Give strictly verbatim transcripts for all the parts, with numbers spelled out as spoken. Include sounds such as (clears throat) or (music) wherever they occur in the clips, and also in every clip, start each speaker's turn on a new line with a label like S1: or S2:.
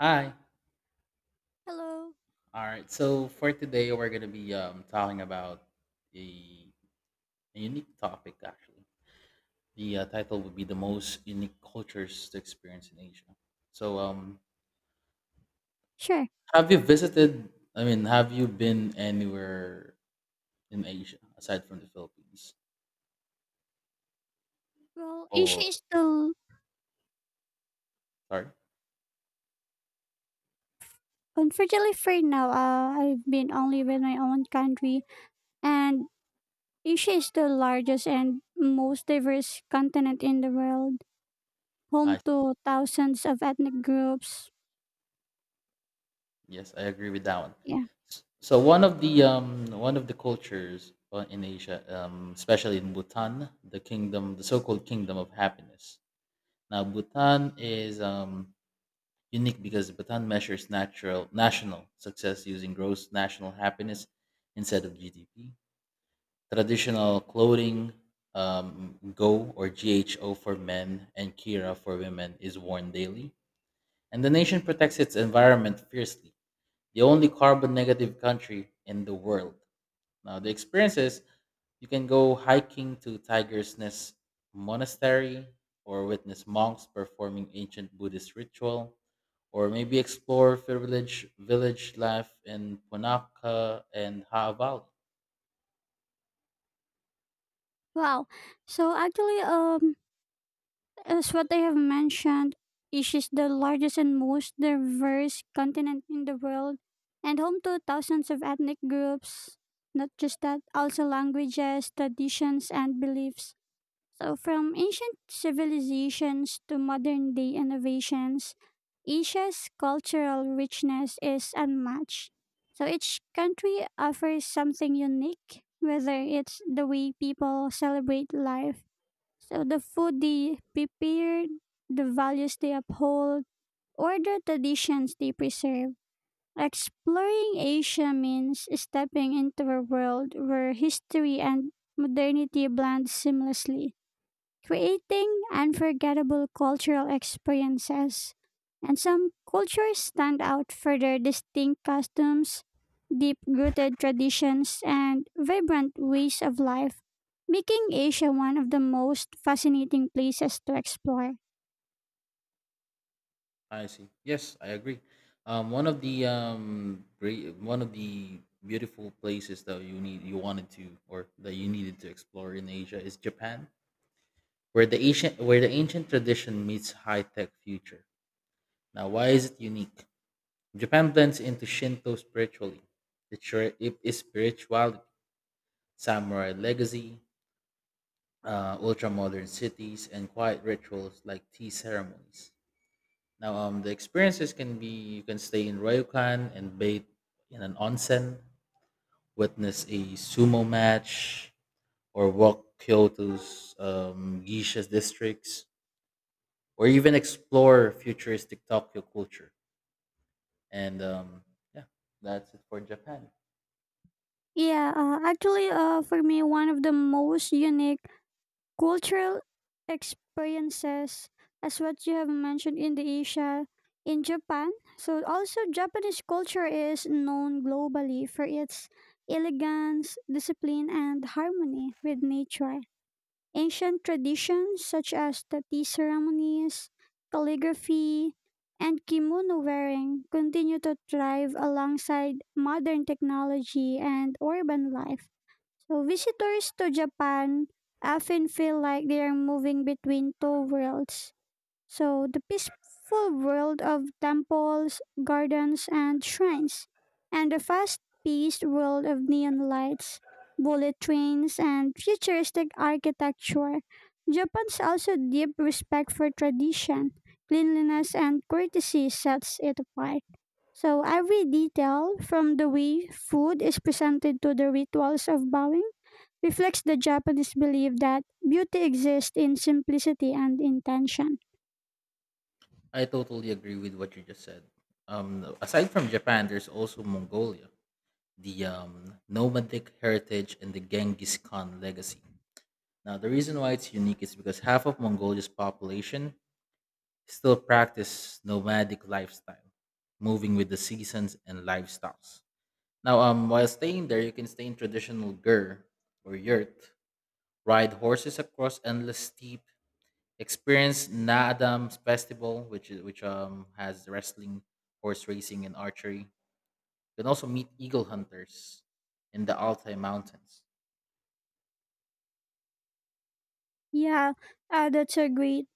S1: Hi.
S2: Hello.
S1: All right. So for today, we're gonna be um talking about a, a unique topic. Actually, the uh, title would be the most unique cultures to experience in Asia. So um,
S2: Sure.
S1: have you visited? I mean, have you been anywhere in Asia aside from the Philippines?
S2: Well, Asia
S1: Or
S2: is still
S1: sorry,
S2: unfortunately free now. Uh, I've been only with my own country, and Asia is the largest and most diverse continent in the world, home
S1: I
S2: to thousands of ethnic groups.
S1: Yes, I agree with that one.
S2: Yeah.
S1: S- So one of the um one of the cultures uh, in Asia, um, especially in Bhutan, the kingdom, the so-called kingdom of happiness. Now, Bhutan is um, unique because Bhutan measures natural national success using gross national happiness instead of G D P. Traditional clothing, um, Go or G H O for men and Kira for women, is worn daily, and the nation protects its environment fiercely. The only carbon negative country in the world. Now, the experiences, you can go hiking to Tiger's Nest Monastery, or witness monks performing ancient Buddhist ritual, or maybe explore fair village village life in Punaka and Haa Valley.
S2: Wow. So actually, um, as what I have mentioned, Asia is the largest and most diverse continent in the world and home to thousands of ethnic groups. Not just that, also languages, traditions, and beliefs. So, from ancient civilizations to modern day innovations, Asia's cultural richness is unmatched. So, each country offers something unique, whether it's the way people celebrate life so the food they prepare, the values they uphold, or the traditions they preserve. Exploring Asia means stepping into a world where history and modernity blend seamlessly, creating unforgettable cultural experiences. And some cultures stand out for their distinct customs, deep rooted traditions, and vibrant ways of life, making Asia one of the most fascinating places to explore.
S1: I see. Yes, I agree. Um, one of the um great, one of the beautiful places that you need you wanted to, or that you needed to explore in Asia is Japan, where the ancient where the ancient tradition meets high tech future. Now, why is it unique? Japan blends into Shinto spiritually. It sure it is spirituality, samurai legacy, uh, ultra-modern cities, and quiet rituals like tea ceremonies. Now, um, the experiences can be, you can stay in ryokan and bathe in an onsen, witness a sumo match, or walk Kyoto's um, geisha districts, or even explore futuristic Tokyo culture. And um, yeah, that's it for Japan.
S2: Yeah, uh, actually, uh, for me, one of the most unique cultural experiences, as what you have mentioned in the Asia, in Japan. So, also, Japanese culture is known globally for its elegance, discipline, and harmony with nature. Ancient traditions such as the tea ceremonies, calligraphy, and kimono wearing continue to thrive alongside modern technology and urban life. So visitors to Japan often feel like they are moving between two worlds. So the peaceful world of temples, gardens, and shrines, and the fast-paced world of neon lights, bullet trains, and futuristic architecture. Japan's also deep respect for tradition, cleanliness, and courtesy sets it apart. So every detail, from the way food is presented to the rituals of bowing, reflects the Japanese belief that beauty exists in simplicity and intention.
S1: I totally agree with what you just said. Um, aside from Japan, there's also Mongolia, the um, nomadic heritage and the Genghis Khan legacy. Now, the reason why it's unique is because half of Mongolia's population still practice nomadic lifestyle, moving with the seasons and lifestyles. Now, um, while staying there, you can stay in traditional gur or yurt, ride horses across endless steep, experienced Na Adams Festival, which is which um has wrestling, horse racing, and archery. You can also meet eagle hunters in the Altai Mountains.
S2: Yeah, uh, that's a great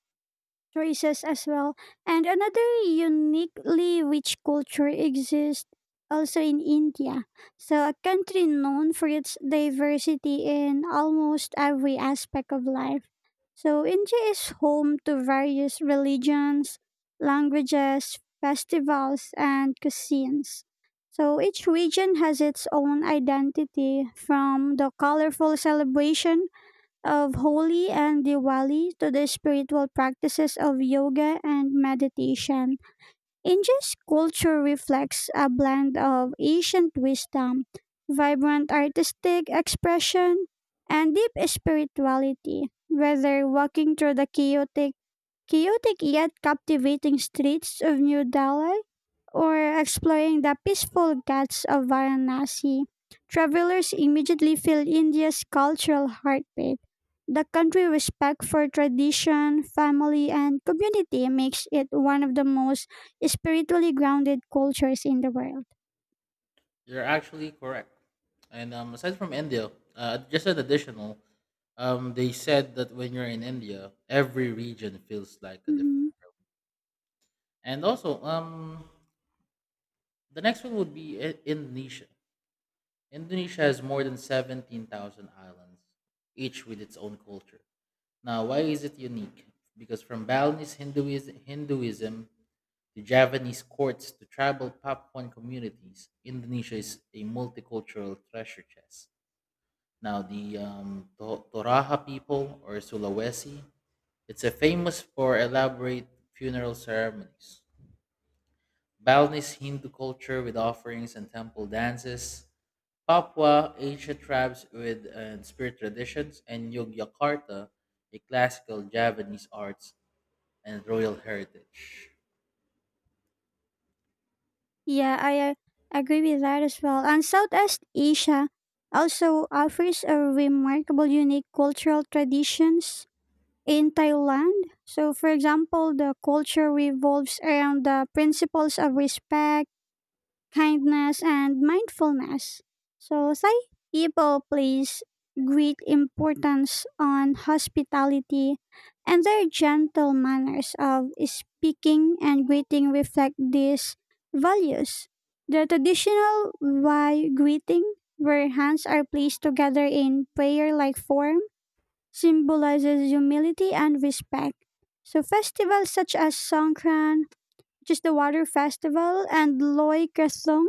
S2: races as well. And another uniquely rich culture exists also in India. So, a country known for its diversity in almost every aspect of life. So, India is home to various religions, languages, festivals, and cuisines. So, each region has its own identity from the colorful celebration of Holi and Diwali to the spiritual practices of yoga and meditation. India's culture reflects a blend of ancient wisdom, vibrant artistic expression, and deep spirituality. Whether walking through the chaotic, chaotic yet captivating streets of New Delhi or exploring the peaceful ghats of Varanasi, travelers immediately feel India's cultural heartbeat. The country's respect for tradition, family, and community makes it one of the most spiritually grounded cultures in the world.
S1: You're actually correct. And um, aside from India, uh, just an additional, um, they said that when you're in India, every region feels like a different.
S2: Mhm.
S1: And also, um, the next one would be I- Indonesia. Indonesia has more than seventeen thousand islands, each with its own culture. Now, why is it unique? Because from Balinese Hinduism, Hinduism to Javanese courts to tribal Papuan communities, Indonesia is a multicultural treasure chest. Now, the um, To- Toraja people or Sulawesi, it's a famous for elaborate funeral ceremonies. Balinese Hindu culture with offerings and temple dances, Papua ancient tribes with and spirit traditions, and Yogyakarta, a classical Javanese arts and royal heritage.
S2: Yeah, I uh, agree with that as well. And Southeast Asia also offers a remarkable unique cultural traditions in Thailand. So, for example, the culture revolves around the principles of respect, kindness, and mindfulness. So, Thai people place great importance on hospitality, and their gentle manners of speaking and greeting reflect these values. The traditional Y greeting, where hands are placed together in prayer like form, symbolizes humility and respect. So festivals such as Songkran, which is the water festival, and Loy Krathong,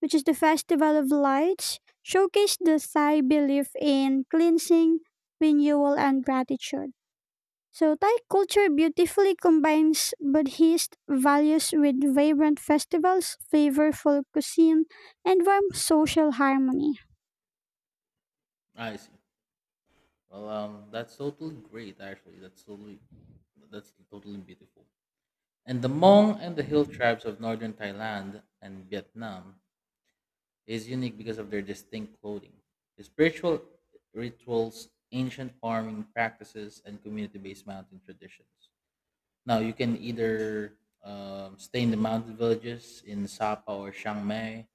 S2: which is the festival of lights, showcase the Thai belief in cleansing, renewal, and gratitude. So Thai culture beautifully combines Buddhist values with vibrant festivals, flavorful cuisine, and warm social harmony.
S1: I see. Well, um, that's totally great. Actually, that's totally that's totally beautiful. And the Hmong and the hill tribes of northern Thailand and Vietnam is unique because of their distinct clothing. Spiritual rituals, ancient farming practices, and community based mountain traditions. Now, you can either um, stay in the mountain villages in Sapa or Chiang Mai,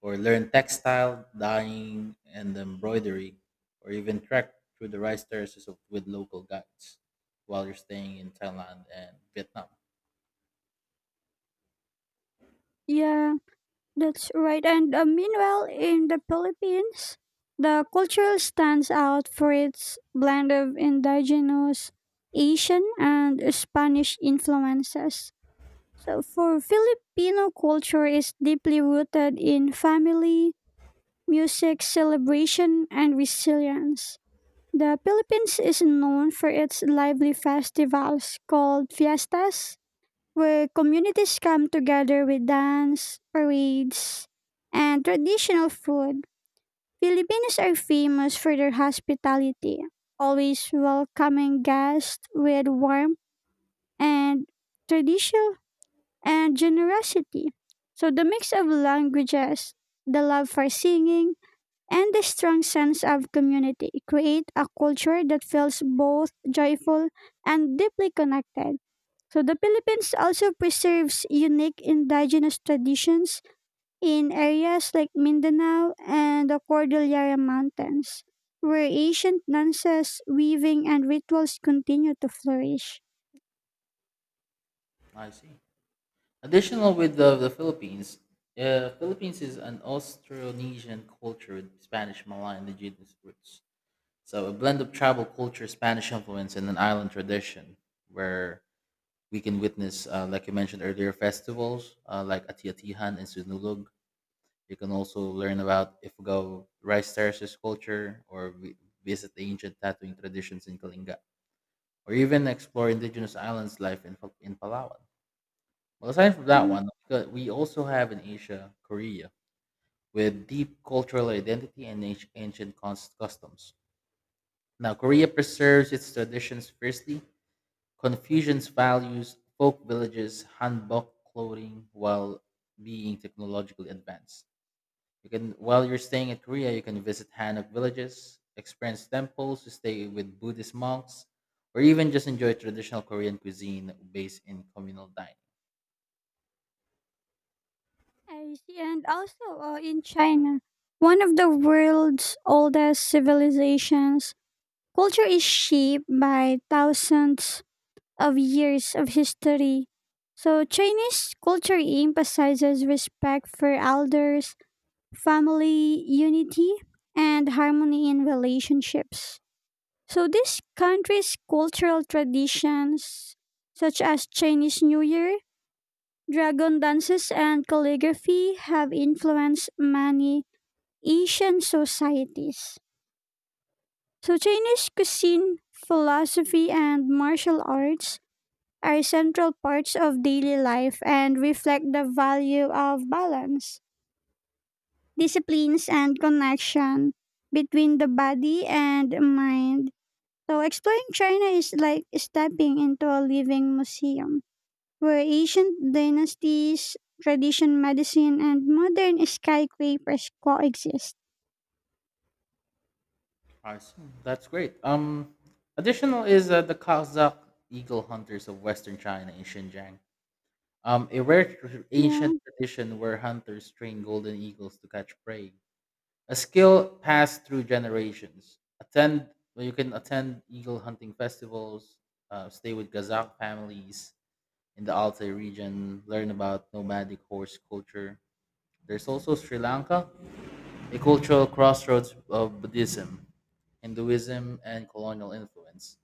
S1: or learn textile, dyeing, and embroidery, or even trek through the rice terraces of, with local guides while you're staying in Thailand and Vietnam.
S2: Yeah. That's right. And uh, meanwhile, in the Philippines, the culture stands out for its blend of indigenous Asian and Spanish influences. So, for Filipino culture is deeply rooted in family, music, celebration, and resilience. The Philippines is known for its lively festivals called fiestas, where communities come together with dance, parades, and traditional food. Filipinos are famous for their hospitality, always welcoming guests with warmth and tradition and generosity. So the mix of languages, the love for singing, and the strong sense of community create a culture that feels both joyful and deeply connected. So the Philippines also preserves unique indigenous traditions in areas like Mindanao and the Cordillera Mountains, where ancient dances, weaving, and rituals continue to flourish.
S1: I see. Additional with the, the Philippines, uh, Philippines is an Austronesian culture with Spanish, Malay, and indigenous roots. So a blend of tribal culture, Spanish influence, and an island tradition where we can witness, uh, like you mentioned earlier, festivals uh, like Atiatihan and Sunulog. You can also learn about Ifugao rice terraces culture, or vi- visit the ancient tattooing traditions in Kalinga, or even explore indigenous islands life in, Pal- in Palawan. Well, aside from that
S2: Mhm.
S1: one, uh, we also have in Asia, Korea, with deep cultural identity and anci- ancient cons- customs. Now, Korea preserves its traditions fiercely, Confucian's values, folk villages, hanbok clothing, while being technologically advanced. You can, while you're staying in Korea, you can visit hanok villages, experience temples, to stay with Buddhist monks, or even just enjoy traditional Korean cuisine based in communal dining.
S2: I see. And also uh, in China, one of the world's oldest civilizations, culture is shaped by thousands of years of history. So Chinese culture emphasizes respect for elders family unity, and harmony in relationships. So these countries' cultural traditions, such as Chinese New Year, dragon dances, and calligraphy, have influenced many Asian societies. So Chinese cuisine, philosophy, and martial arts are central parts of daily life and reflect the value of balance. Disciplines and connection between the body and mind. So exploring China is like stepping into a living museum where ancient dynasties, tradition medicine and modern skyscrapers coexist.
S1: Awesome. That's great. Um, additional is uh, the Kazakh eagle hunters of Western China in Xinjiang. Um, a rare tr-
S2: Yeah.
S1: ancient tradition where hunters train golden eagles to catch prey, a skill passed through generations. Attend, well, you can attend eagle hunting festivals, uh, stay with Kazakh families in the Altai region, learn about nomadic horse culture. There's also Sri Lanka, a cultural crossroads of Buddhism, Hinduism, and colonial influence.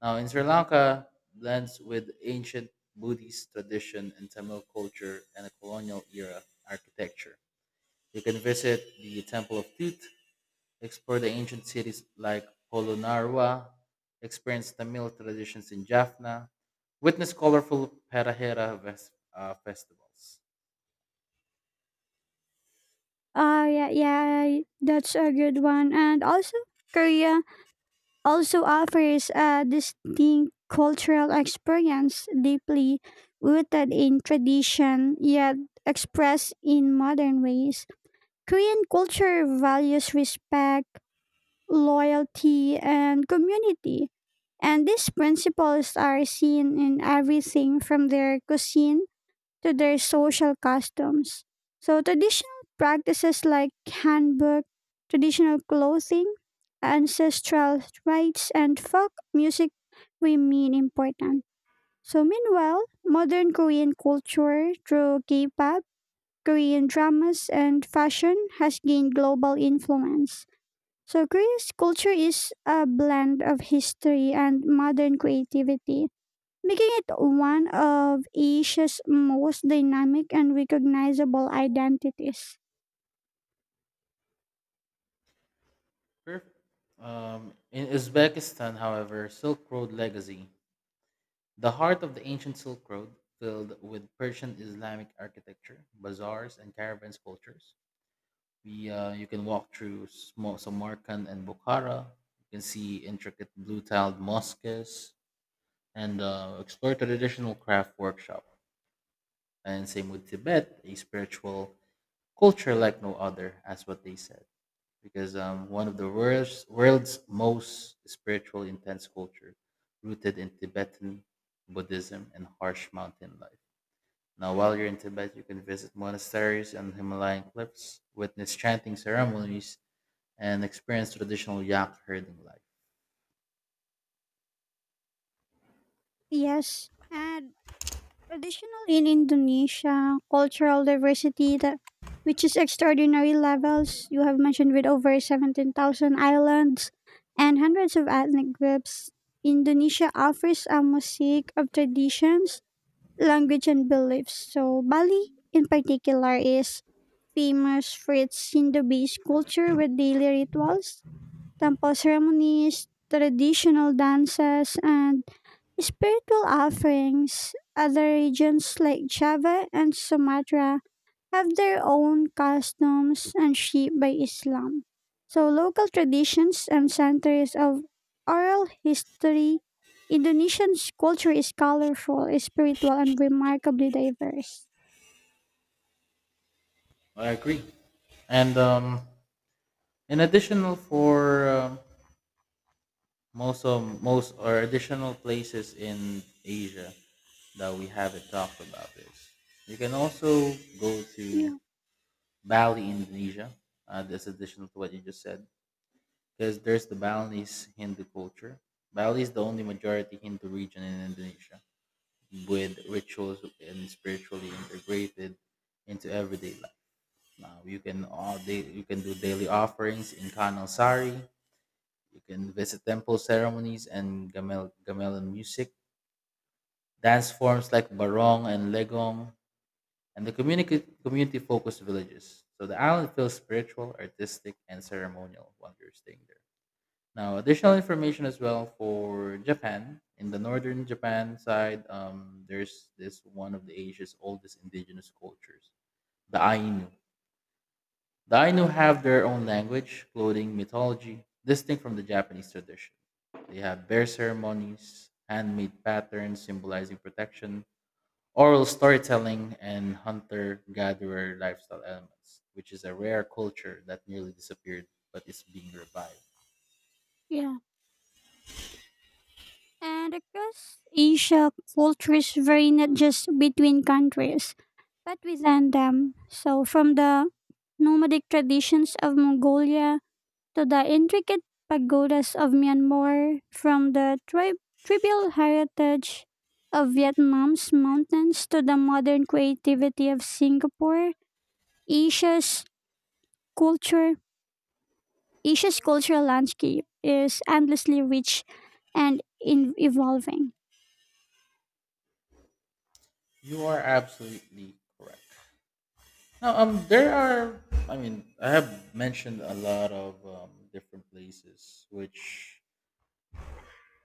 S1: Now, in Sri Lanka, blends with ancient Buddhist tradition and Tamil culture and a colonial era architecture. You can visit the Temple of Tut, explore the ancient cities like Polonnaruwa, experience Tamil traditions in Jaffna, witness colorful Parahera ves- uh, festivals.
S2: Uh yeah, yeah, that's a good one. And also Korea also offers a distinct cultural experience deeply rooted in tradition yet expressed in modern ways. Korean culture values respect, loyalty, and community. And these principles are seen in everything from their cuisine to their social customs. So, traditional practices like handwork, traditional clothing, ancestral rites, and folk music remain important. So, meanwhile, modern Korean culture through K pop, Korean dramas, and fashion has gained global influence. So, Korea's culture is a blend of history and modern creativity making it one of Asia's most dynamic and recognizable identities.
S1: Perfect. Um, in Uzbekistan, however, Silk Road legacy, the heart of the ancient Silk Road, filled with Persian Islamic architecture, bazaars, and caravans cultures. We, uh, you can walk through small Samarkand and Bukhara. You can see intricate blue-tiled mosques and uh, explore traditional craft workshop. And same with Tibet, a spiritual culture like no other, as what they said, because um, one of the world's, world's most spiritual intense culture, rooted in Tibetan Buddhism and harsh mountain life. Now, while you're in Tibet, you can visit monasteries and Himalayan cliffs, witness chanting ceremonies, and experience traditional yak herding life.
S2: Yes, and additionally in Indonesia, cultural diversity that which is extraordinary levels. You have mentioned with over seventeen thousand islands and hundreds of ethnic groups. Indonesia offers a mosaic of traditions, language, and beliefs. So, Bali in particular is famous for its Hindu based culture with daily rituals, temple ceremonies, traditional dances, and spiritual offerings. Other regions like Java and Sumatra have their own customs and shaped by Islam. So local traditions and centers of oral history, Indonesian's culture is colorful, spiritual, and remarkably diverse.
S1: I agree. And um, in additional for um most of most or additional places in Asia that we haven't talked about is you can also go to
S2: Yeah.
S1: Bali, Indonesia. Uh, that's additional to what you just said, because there's the Balinese Hindu culture. Bali is the only majority Hindu region in Indonesia with rituals and spiritually integrated into everyday life. Now you can all day, you can do daily offerings in Kanal Sari. You can visit temple ceremonies and gamel gamelan music, dance forms like barong and legong, and the community community focused villages. So the island feels spiritual, artistic, and ceremonial while you're staying there. Now, additional information as well for Japan. In the northern Japan side, um, there's this one of the Asia's oldest indigenous cultures, the Ainu. The Ainu have their own language, clothing, mythology, distinct from the Japanese tradition. They have bear ceremonies, handmade patterns symbolizing protection, oral storytelling, and hunter gatherer lifestyle elements, which is a rare culture that nearly disappeared but is being revived.
S2: Yeah. And across Asia, cultures vary not just between countries, but within them. So, from the nomadic traditions of Mongolia to the intricate pagodas of Myanmar, from the tri- tribal heritage of Vietnam's mountains to the modern creativity of Singapore, Asia's culture, Asia's cultural landscape is endlessly rich and in- evolving.
S1: You are absolutely correct. Now, um, there are. I mean, I have mentioned a lot of um, different places, which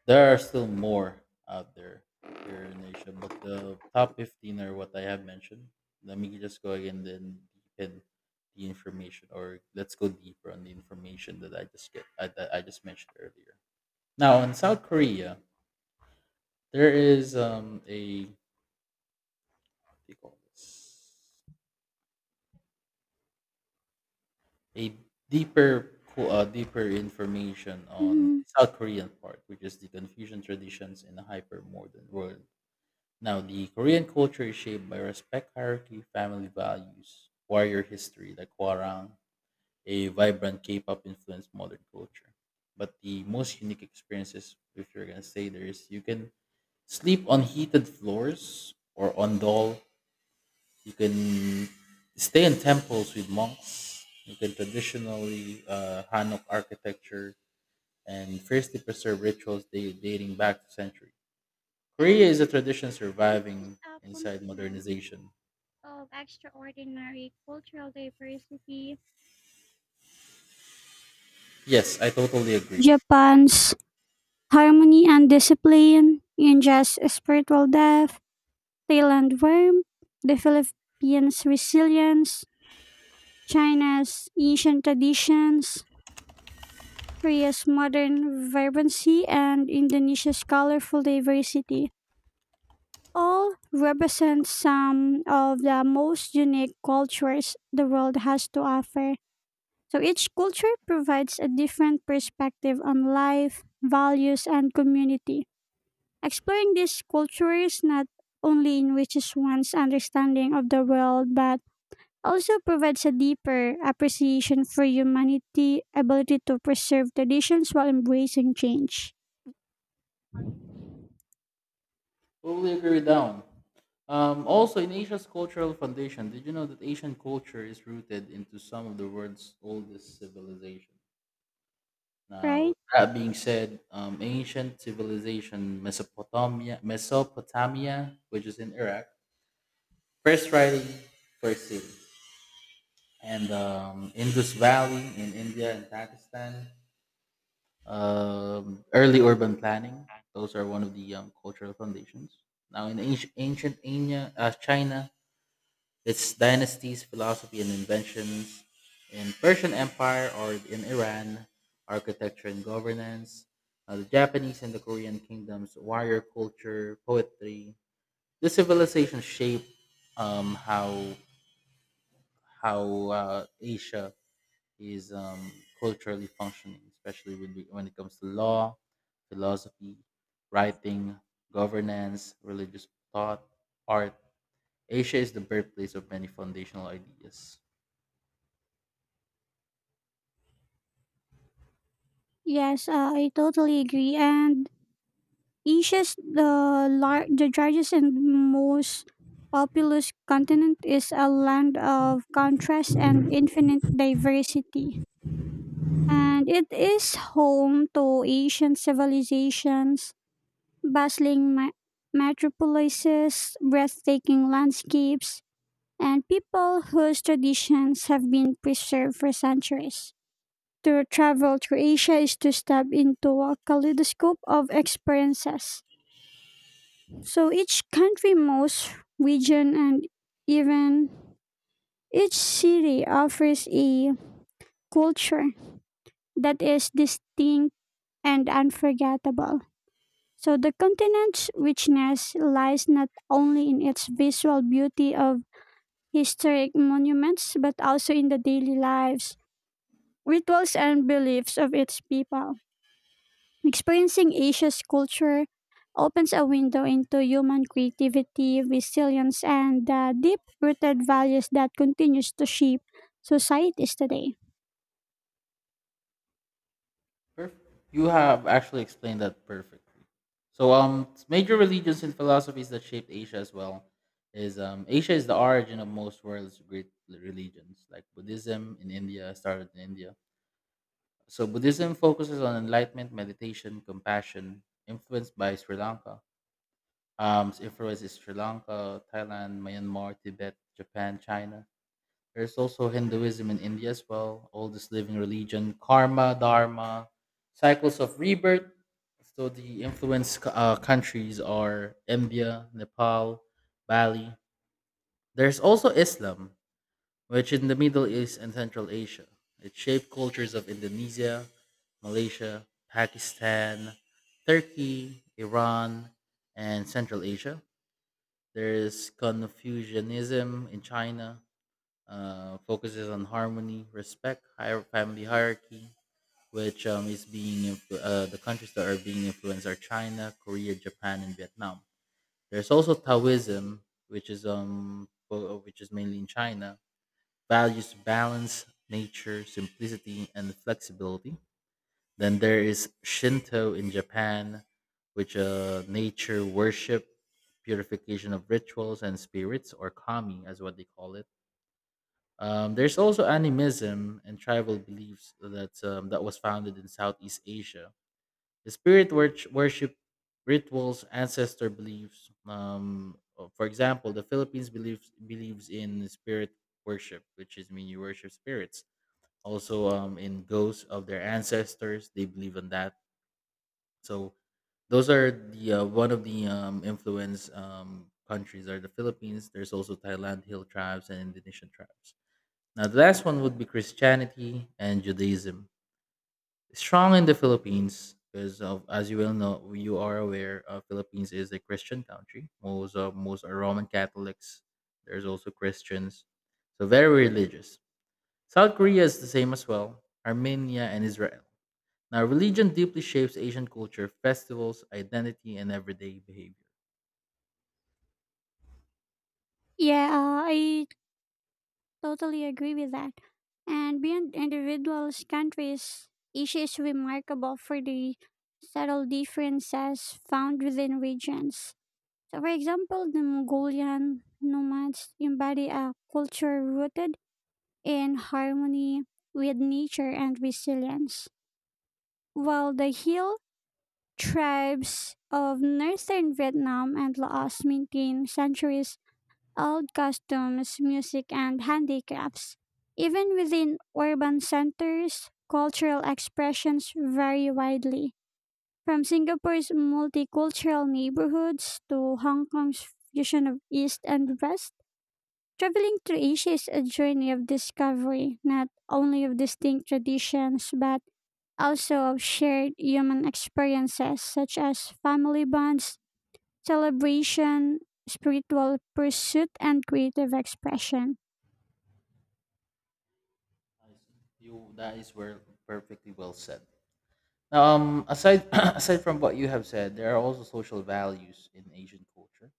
S1: there are still more out there here in Asia. But the top fifteen are what I have mentioned. Let me just go again, then deepen the information, or let's go deeper on the information that I just get I, that I just mentioned earlier. Now, in South Korea, there is um a what do you call this? A deeper co- uh, deeper information on
S2: Mhm.
S1: South Korean part, which is the Confucian traditions in a hyper modern world. Now, the Korean culture is shaped by respect, hierarchy, family values, warrior history, the Kwarang, a vibrant K-pop influenced modern culture. But the most unique experiences, if you're gonna say there is, you can sleep on heated floors or on doll, you can stay in temples with monks. You can traditionally uh, Hanok architecture and fiercely preserve rituals da- dating back to centuries. Korea
S2: And
S1: is a tradition
S2: Asia is
S1: surviving
S2: a
S1: inside
S2: continent
S1: modernization.
S2: of extraordinary cultural diversity.
S1: Yes, I totally agree.
S2: Japan's harmony and discipline, India's spiritual depth, Thailand warmth, the Philippines' resilience, China's ancient traditions, Korea's modern vibrancy, and Indonesia's colorful diversity all represent some of the most unique cultures the world has to offer. So each culture provides a different perspective on life, values, and community. Exploring these cultures not only enriches one's understanding of the world, but also provides a deeper appreciation for humanity, ability to preserve traditions while embracing change.
S1: Totally agree down. Um, also, in Asia's cultural foundation, did you know that Asian culture is rooted into some of the world's oldest civilizations? Now,
S2: Right?
S1: that being said, um, ancient civilization Mesopotamia, Mesopotamia, which is in Iraq, first writing, first city, and um, Indus Valley in India and Pakistan. Um, early urban planning; those are one of the um, cultural foundations. Now, in ancient ancient Anya- uh, China, its dynasties, philosophy, and inventions in Persian Empire or in Iran, architecture and governance, uh, the Japanese and the Korean kingdoms, warrior culture, poetry. This civilization shaped um, how how uh, Asia is um, culturally functioning, especially when, we, when it comes to law, philosophy, writing, governance, religious thought, art. Asia is the birthplace of many foundational ideas.
S2: Yes, uh, I totally agree. And Asia's the lar- the largest and most populous continent is a land of contrast and infinite diversity. And it is home to ancient civilizations, bustling me- metropolises, breathtaking landscapes, and people whose traditions have been preserved for centuries. To travel through Asia is to step into a kaleidoscope of experiences. So each country, most region, and even each city offers a culture that is distinct and unforgettable. So the continent's richness lies not only in its visual beauty of historic monuments, but also in the daily lives, rituals, and beliefs of its people. Experiencing Asia's culture opens a window into human creativity, resilience, and the deep-rooted values that continues to shape societies today.
S1: Perf- you have actually explained that perfectly. So, um, major religions and philosophies that shaped Asia as well is um, Asia is the origin of most world's great religions, like Buddhism in India started in India. So, Buddhism focuses on enlightenment, meditation, compassion, influenced by Sri Lanka. Um, its influence is Sri Lanka, Thailand, Myanmar, Tibet, Japan, China. There's also Hinduism in India as well, oldest living religion, karma, dharma, cycles of rebirth. So the influence uh, countries are India, Nepal, Bali. There's also Islam, which in the Middle East and Central Asia. It shaped cultures of Indonesia, Malaysia, Pakistan, Turkey, Iran, and Central Asia. There's Confucianism in China, uh, focuses on harmony, respect, higher family hierarchy, which um, is being influ- uh, the countries that are being influenced are China, Korea, Japan, and Vietnam. There's also Taoism, which is um fo- which is mainly in China, values balance, nature, simplicity, and flexibility. Then there is Shinto in Japan, which uh nature worship, purification of rituals and spirits, or kami, as what they call it. Um, there's also animism and tribal beliefs that um, that was founded in Southeast Asia. The spirit wor- worship rituals, ancestor beliefs. Um, uh, for example, the Philippines believes believes in spirit worship, which is, I mean, you worship spirits. Also, um, in ghosts of their ancestors, they believe in that. So those are the uh, one of the um, influence um, countries are the Philippines. There's also Thailand, hill tribes, and Indonesian tribes. Now, the last one would be Christianity and Judaism. Strong in the Philippines, because of, as you will know, you are aware, uh, Philippines is a Christian country. Most of most are Roman Catholics. There's also Christians, so very religious. South Korea is the same as well. Armenia and Israel. Now, religion deeply shapes Asian culture, festivals, identity, and everyday behavior.
S2: Yeah, uh, I totally agree with that. And beyond individuals, countries, Asia is remarkable for the subtle differences found within regions. So, for example, the Mongolian nomads embody a culture rooted in harmony with nature and resilience, while the hill tribes of northern Vietnam and Laos maintain centuries old customs, music, and handicrafts. Even within urban centers, cultural expressions vary widely, from Singapore's multicultural neighborhoods to Hong Kong's fusion of East and West. Traveling through Asia is a journey of discovery, not only of distinct traditions, but also of shared human experiences such as family bonds, celebration, spiritual pursuit, and creative expression.
S1: I see. You That is where perfectly well said. Um, aside (clears throat) aside from what you have said, there are also social values in Asian culture.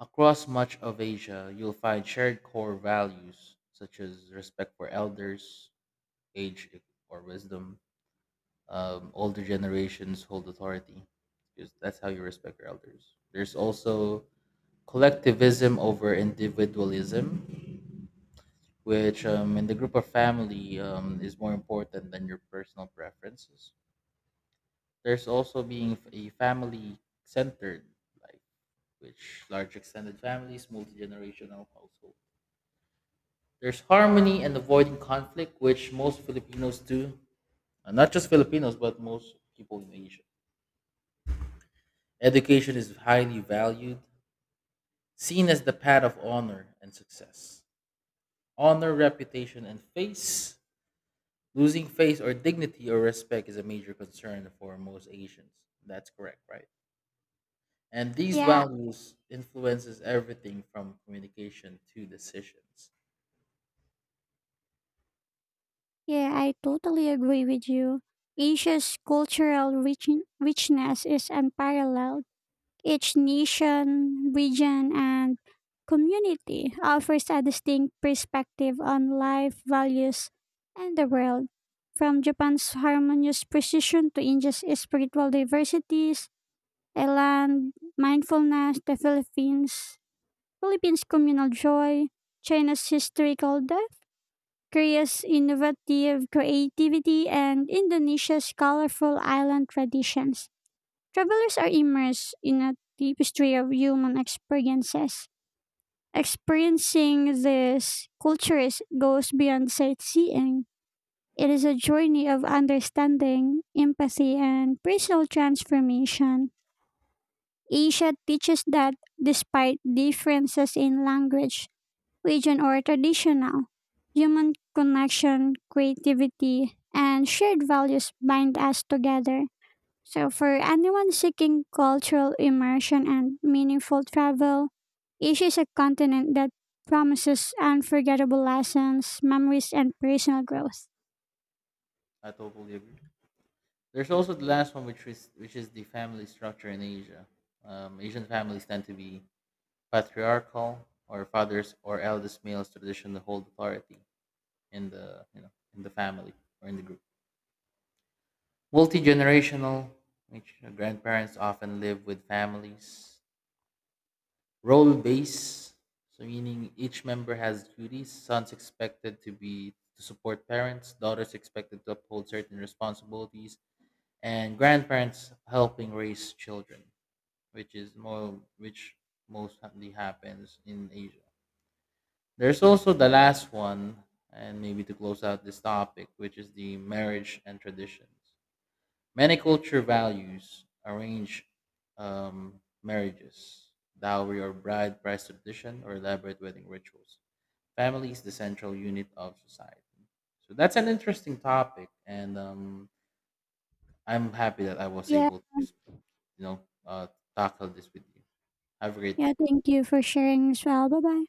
S1: Across much of Asia, you'll find shared core values such as respect for elders, age or wisdom. Um, older generations hold authority because that's how you respect your elders. There's also collectivism over individualism, which um, in the group of family um, is more important than your personal preferences. There's also being f- a family centered life, which large extended families, multi generational household. There's harmony and avoiding conflict, which most Filipinos do. Uh, Not just Filipinos, but most people in Asia. Education is highly valued, seen as the path of honor and success. Honor, reputation, and face. Losing face or dignity or respect is a major concern for most Asians. That's correct, right? And these
S2: Yeah,
S1: values influences everything from communication to decisions.
S2: yeah, I totally agree with you. Asia's cultural rich- richness is unparalleled. Each nation, region, and community offers a distinct perspective on life, values, and the world. From Japan's harmonious precision to India's spiritual diversities, Thailand, mindfulness, the Philippines, Philippines' communal joy, China's historical depth, Korea's innovative creativity, and Indonesia's colorful island traditions. Travelers are immersed in a tapestry of human experiences. Experiencing these cultures goes beyond sightseeing. It is a journey of understanding, empathy, and personal transformation. Asia teaches that despite differences in language, region, or traditional, human connection, creativity, and shared values bind us together. So, for anyone seeking cultural immersion and meaningful travel, Asia is a continent that promises unforgettable lessons, memories, and personal growth.
S1: I totally agree. There's also the last one, which is which is the family structure in Asia. Um, Asian families tend to be patriarchal, or fathers or eldest males traditionally hold authority in the, you know, in the family or in the group. Multi generational, which, you know, grandparents often live with families. Role base, so meaning each member has duties. Sons expected to be to support parents, daughters expected to uphold certain responsibilities, and grandparents helping raise children, which is more which mostly happens in Asia. There's also the last one, and maybe to close out this topic, which is the marriage and traditions. Many culture values arrange um, marriages, dowry or bride price tradition, or elaborate wedding rituals. Family is the central unit of society. So that's an interesting topic, and um, I'm happy that I was
S2: Yeah.
S1: able to, you know, uh, tackle this with you. Have a great
S2: Yeah,
S1: day.
S2: thank you for sharing as well. Bye bye.